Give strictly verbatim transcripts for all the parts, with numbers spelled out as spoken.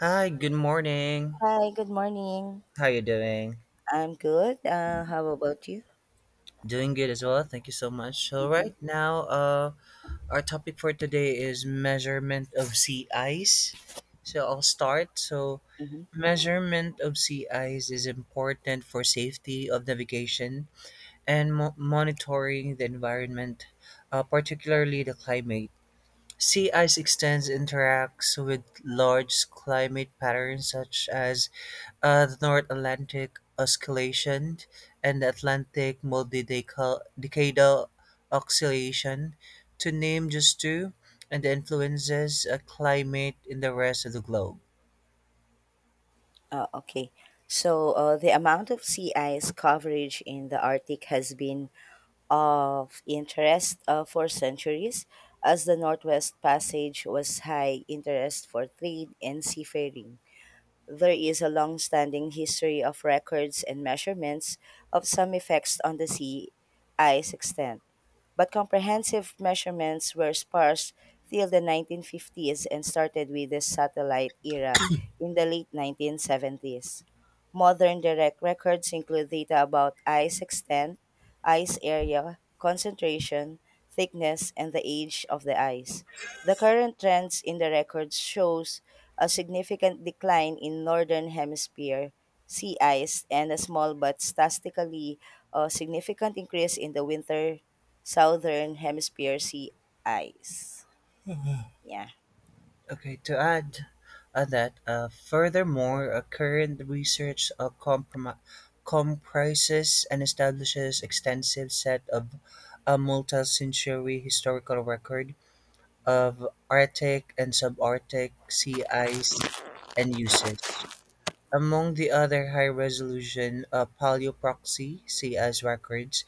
Hi, good morning. Hi, good morning. How you doing? I'm good. Uh, how about you? Doing good as well, thank you so much. So Mm-hmm. right now, uh, our topic for today is measurement of sea ice. So I'll start. So Mm-hmm. measurement of sea ice is important for safety of navigation and mo- monitoring the environment, uh, particularly the climate. Sea ice extends interacts with large climate patterns such as Uh, the North Atlantic Oscillation and the Atlantic Multidecadal Oscillation, to name just two, and the influences of climate in the rest of the globe. Uh, okay. So, uh, the amount of sea ice coverage in the Arctic has been of interest uh, for centuries, as the Northwest Passage was high interest for trade and seafaring. There is a long standing history of records and measurements of some effects on the sea ice extent, but comprehensive measurements were sparse till the nineteen fifties and started with the satellite era in the late nineteen seventies. Modern direct records include data about ice extent, ice area, concentration, thickness, and the age of the ice. The current trends in the records shows a significant decline in northern hemisphere sea ice and a small but statistically uh, significant increase in the winter Southern Hemisphere sea ice. Yeah. Okay, to add uh, that, uh, furthermore, uh, current research uh, comprom- comprises and establishes extensive set of a multi-century historical record of Arctic and subarctic sea ice and uses. Among the other high resolution uh, paleoproxy sea ice records,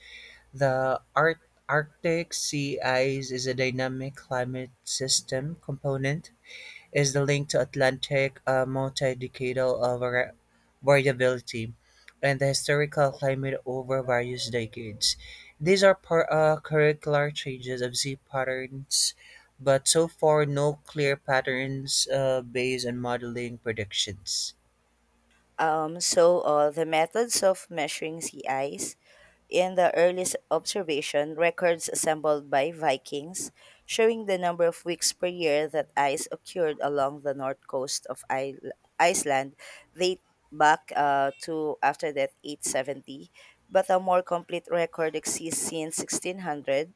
the Ar- Arctic sea ice is a dynamic climate system component is the link to Atlantic uh, multi-decadal uh, vari- variability and the historical climate over various decades. These are par- uh, curricular changes of Z patterns, but so far no clear patterns uh, based on modeling predictions. Um, so uh, the methods of measuring sea ice in the earliest observation records assembled by Vikings showing the number of weeks per year that ice occurred along the north coast of I- Iceland date back uh, to after that eight seventy, but a more complete record exists since sixteen hundred.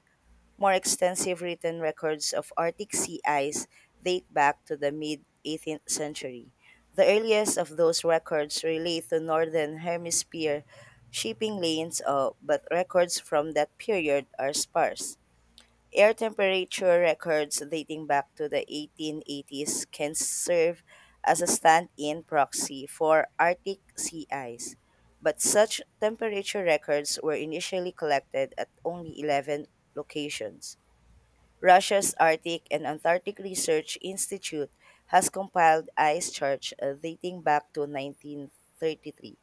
More extensive written records of Arctic sea ice date back to the mid eighteenth century. The earliest of those records relate to northern hemisphere shipping lanes, uh, but records from that period are sparse. Air temperature records dating back to the eighteen eighties can serve as a stand in proxy for Arctic sea ice, but such temperature records were initially collected at only eleven locations. Russia's Arctic and Antarctic Research Institute has compiled ice charts uh, dating back to nineteen thirty-three.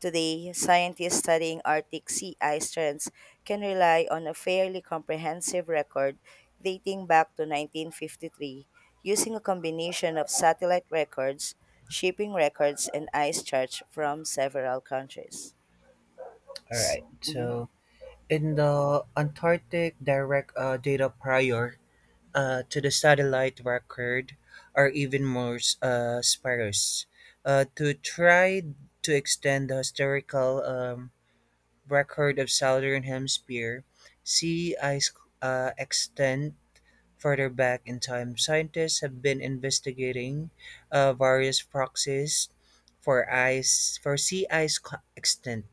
Today, scientists studying Arctic sea ice trends can rely on a fairly comprehensive record dating back to nineteen fifty-three using a combination of satellite records, shipping records, and ice charts from several countries. All S- right. mhm, So in the Antarctic Direct uh, Data Prior, uh, to the satellite record are even more uh, sparse. Uh, to try to extend the historical um, record of Southern Hemisphere, sea ice uh, extent further back in time. Scientists have been investigating uh, various proxies for ice for sea ice co- extent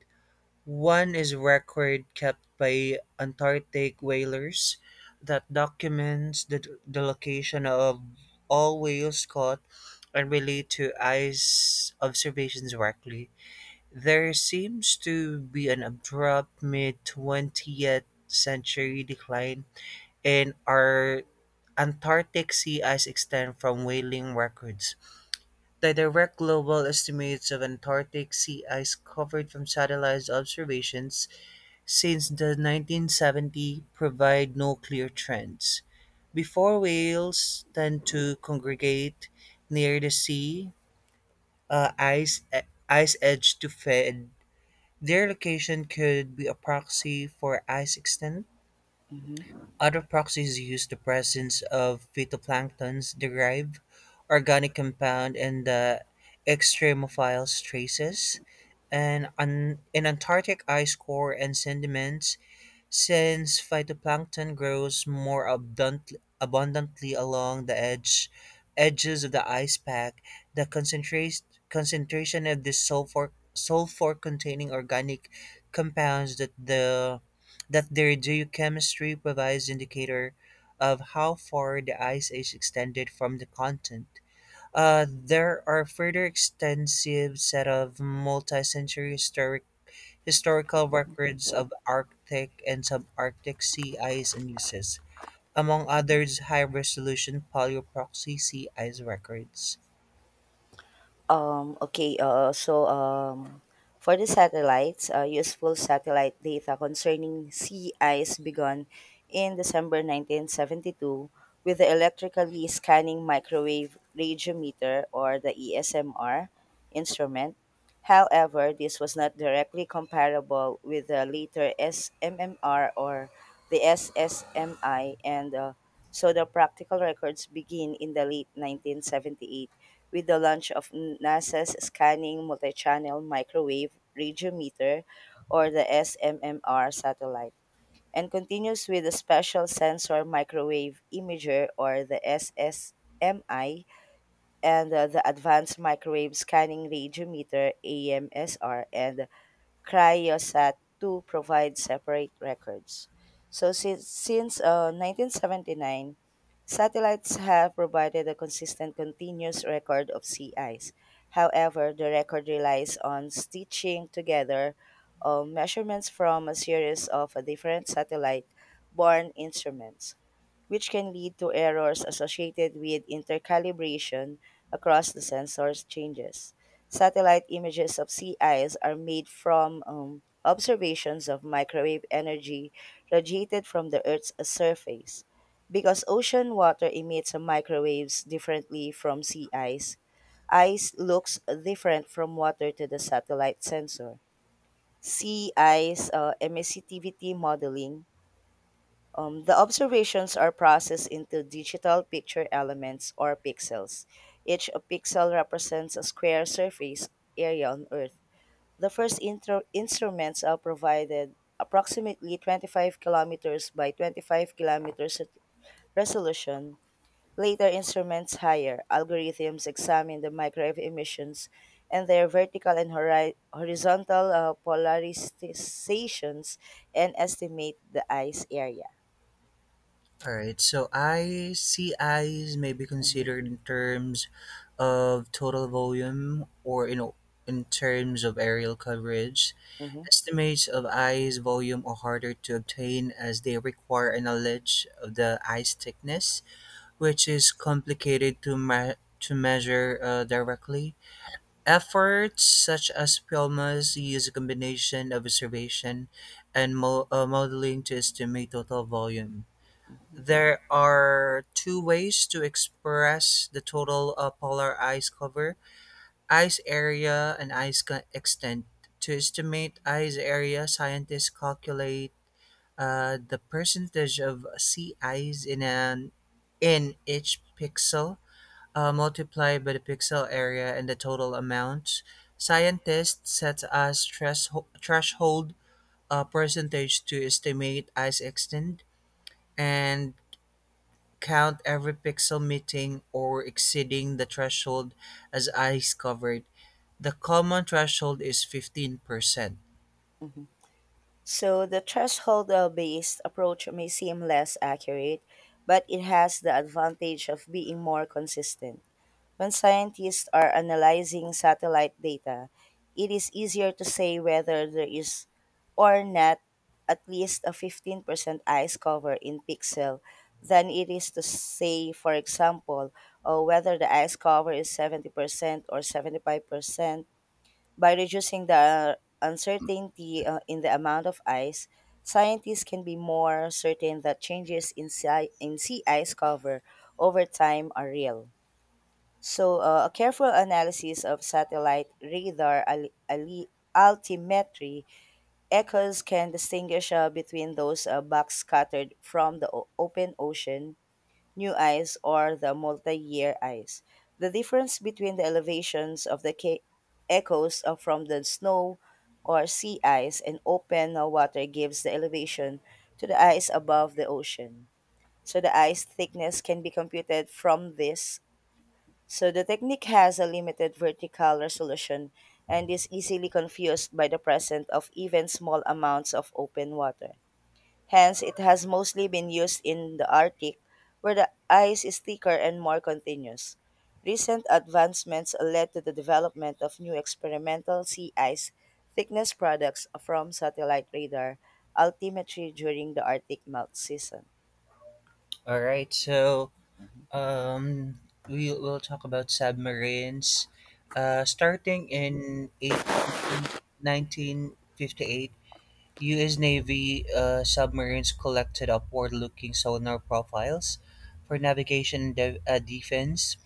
one is a record kept by Antarctic whalers that documents the, the location of all whales caught and relate to ice observations directly. There seems to be an abrupt mid twentieth century decline in our Antarctic sea ice extent from whaling records. The direct global estimates of Antarctic sea ice covered from satellite observations since the nineteen seventies, provide no clear trends. Before whales tend to congregate near the sea uh, ice, e- ice edge to feed. Their location could be a proxy for ice extent. mhm. Other proxies use the presence of phytoplanktons derived organic compound and the extremophile traces and an, in Antarctic ice core and sediments since phytoplankton grows more abundant- abundantly along the edge, edges of the ice pack, the concentra- concentration of this sulfur sulfur containing organic compounds that the that their geochemistry provides indicator of how far the ice age extended from the continent. Uh, there are further extensive set of multi-century historic historical records of Arctic and subarctic sea ice and uses, among others high-resolution paleoproxy sea ice records. Um, okay, uh, so um, for the satellites, uh, useful satellite data concerning sea ice began in December nineteen seventy-two with the electrically scanning microwave radiometer, or the E S M R instrument. However, this was not directly comparable with the later S M M R or the S S M I, and uh, so the practical records begin in the late nineteen seventy-eight with the launch of NASA's Scanning Multichannel Microwave Radiometer, or the S M M R satellite, and continues with the Special Sensor Microwave Imager or the S S M I and uh, the Advanced Microwave Scanning Radiometer A M S R and Cryosat to provide separate records. So since since uh, nineteen seventy-nine, satellites have provided a consistent continuous record of sea ice. However, the record relies on stitching together uh, measurements from a series of different satellite-borne instruments which can lead to errors associated with intercalibration across the sensor's changes. Satellite images of sea ice are made from um, observations of microwave energy radiated from the Earth's surface. Because ocean water emits microwaves differently from sea ice, ice looks different from water to the satellite sensor. Sea ice uh, emissivity modeling, um, the observations are processed into digital picture elements or pixels. Each pixel represents a square surface area on Earth. The first intro- instruments are provided approximately twenty-five kilometers by twenty-five kilometers at resolution. Later instruments higher algorithms examine the microwave emissions and their vertical and hori- horizontal uh, polarizations and estimate the ice area. All right, so ice, sea ice may be Mhm, considered in terms of total volume or in, in terms of aerial coverage. mhm. Estimates of ice volume are harder to obtain as they require a knowledge of the ice thickness, which is complicated to, ma- to measure uh, directly. Efforts such as PROMAs use a combination of observation and mo- uh, modeling to estimate total volume. There are two ways to express the total uh, polar ice cover ice area and ice co- extent. To estimate ice area, scientists calculate uh, the percentage of sea ice in, an, in each pixel uh, multiplied by the pixel area and the total amount. Scientists set a stress threshold uh, percentage to estimate ice extent and count every pixel meeting or exceeding the threshold as ice covered. The common threshold is fifteen percent. So the threshold-based approach may seem less accurate, but it has the advantage of being more consistent. When scientists are analyzing satellite data, it is easier to say whether there is or not at least a fifteen percent ice cover in pixel than it is to say, for example, oh, whether the ice cover is seventy percent or seventy-five percent. By reducing the uh, uncertainty uh, in the amount of ice, scientists can be more certain that changes in sea, in sea ice cover over time are real. So, uh, a careful analysis of satellite radar al- ali- altimetry echoes can distinguish uh, between those uh, backscattered from the o- open ocean New Ice or the Multi-Year Ice. The difference between the elevations of the ca- echoes of- from the snow or sea ice and open water gives the elevation to the ice above the ocean. So the ice thickness can be computed from this. So the technique has a limited vertical resolution and is easily confused by the presence of even small amounts of open water. Hence, it has mostly been used in the Arctic, where the ice is thicker and more continuous. Recent advancements led to the development of new experimental sea ice thickness products from satellite radar altimetry during the Arctic melt season. All right, so um, we will talk about submarines. Uh, starting in 18, nineteen fifty-eight, U S. Navy uh, submarines collected upward looking sonar profiles for navigation and de- uh, defense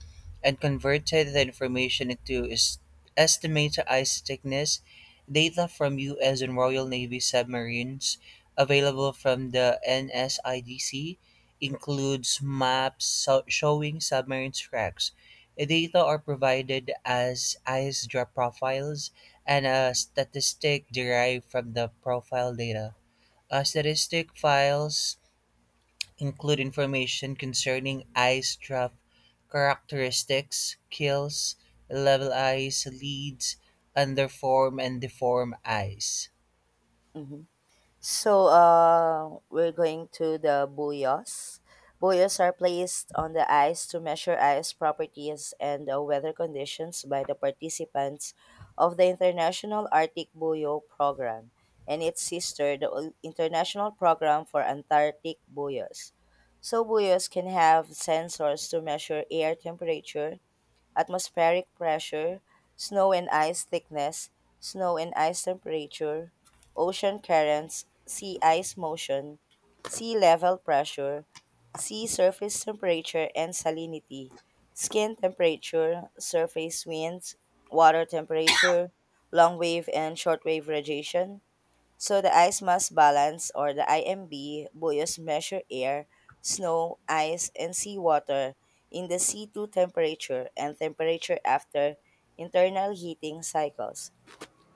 and converted the information into es- estimated ice thickness data from U S and Royal Navy submarines available from the N S I D C includes maps so- showing submarine tracks. Data are provided as ice drop profiles and a statistic derived from the profile data. Uh, statistic files include information concerning ice draft characteristics, kills, level ice, leads, underform, and deform ice. Mhm. So uh, we're going to the buoys. Buoys are placed on the ice to measure ice properties and uh, weather conditions by the participants of the International Arctic Buoy Program and its sister, the Ol- International Program for Antarctic Buoys. So buoys can have sensors to measure air temperature, atmospheric pressure, snow and ice thickness, snow and ice temperature, ocean currents, sea ice motion, sea level pressure, sea surface temperature and salinity, skin temperature, surface winds, water temperature, long wave and short wave radiation. So the ice mass balance or the I M B buoys measure air, snow, ice, and seawater in the C two temperature and temperature after internal heating cycles.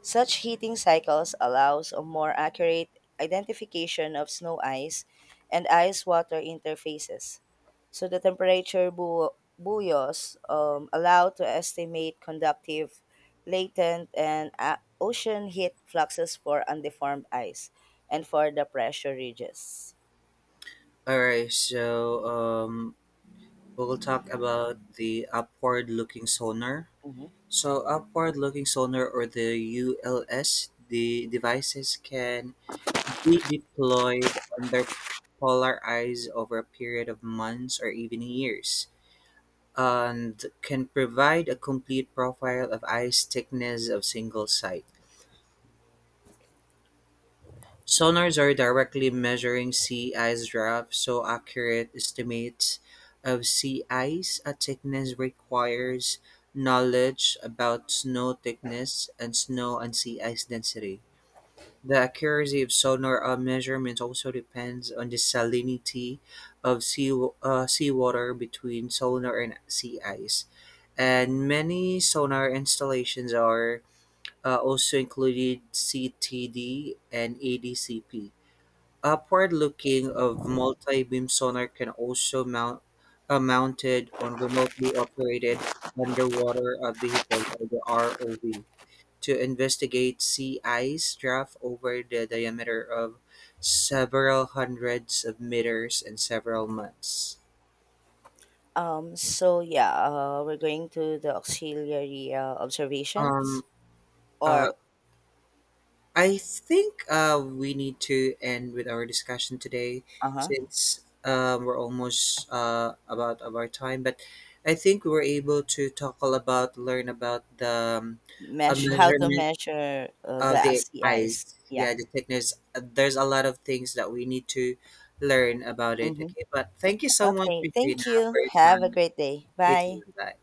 Such heating cycles allows a more accurate identification of snow ice and ice water interfaces. So the temperature bu- buoys um, allow to estimate conductive, latent, and uh, ocean heat fluxes for undeformed ice and for the pressure ridges. All right, so um, we'll talk about the upward looking sonar. So, upward looking sonar or the U L S, the devices can be deployed under polar ice over a period of months or even years, and can provide a complete profile of ice thickness of single site. Sonars are directly measuring sea ice drop, so accurate estimates of sea ice at thickness requires knowledge about snow thickness and snow and sea ice density. The accuracy of sonar uh, measurements also depends on the salinity of sea, uh, seawater between sonar and sea ice. And many sonar installations are uh, also included C T D and A D C P. Upward looking of multi beam sonar can also mount uh, mounted on remotely operated underwater uh, vehicles or the R O V to investigate sea ice draft over the diameter of several hundreds of meters in several months. Um, so yeah, uh, we're going to the auxiliary uh, observations Um, uh, or I think uh, we need to end with our discussion today uh-huh, since um, we're almost uh, about of our time. But I think we were able to talk all about, learn about the um, a mesh how to measurement measure uh, of the the sea ice. eyes Yeah. yeah the thickness. Uh, there's a lot of things that we need to learn about it, Mm-hmm. okay, but thank you so much, Okay. Regina, Thank you. for your Have a time. great day. You Bye. too, bye.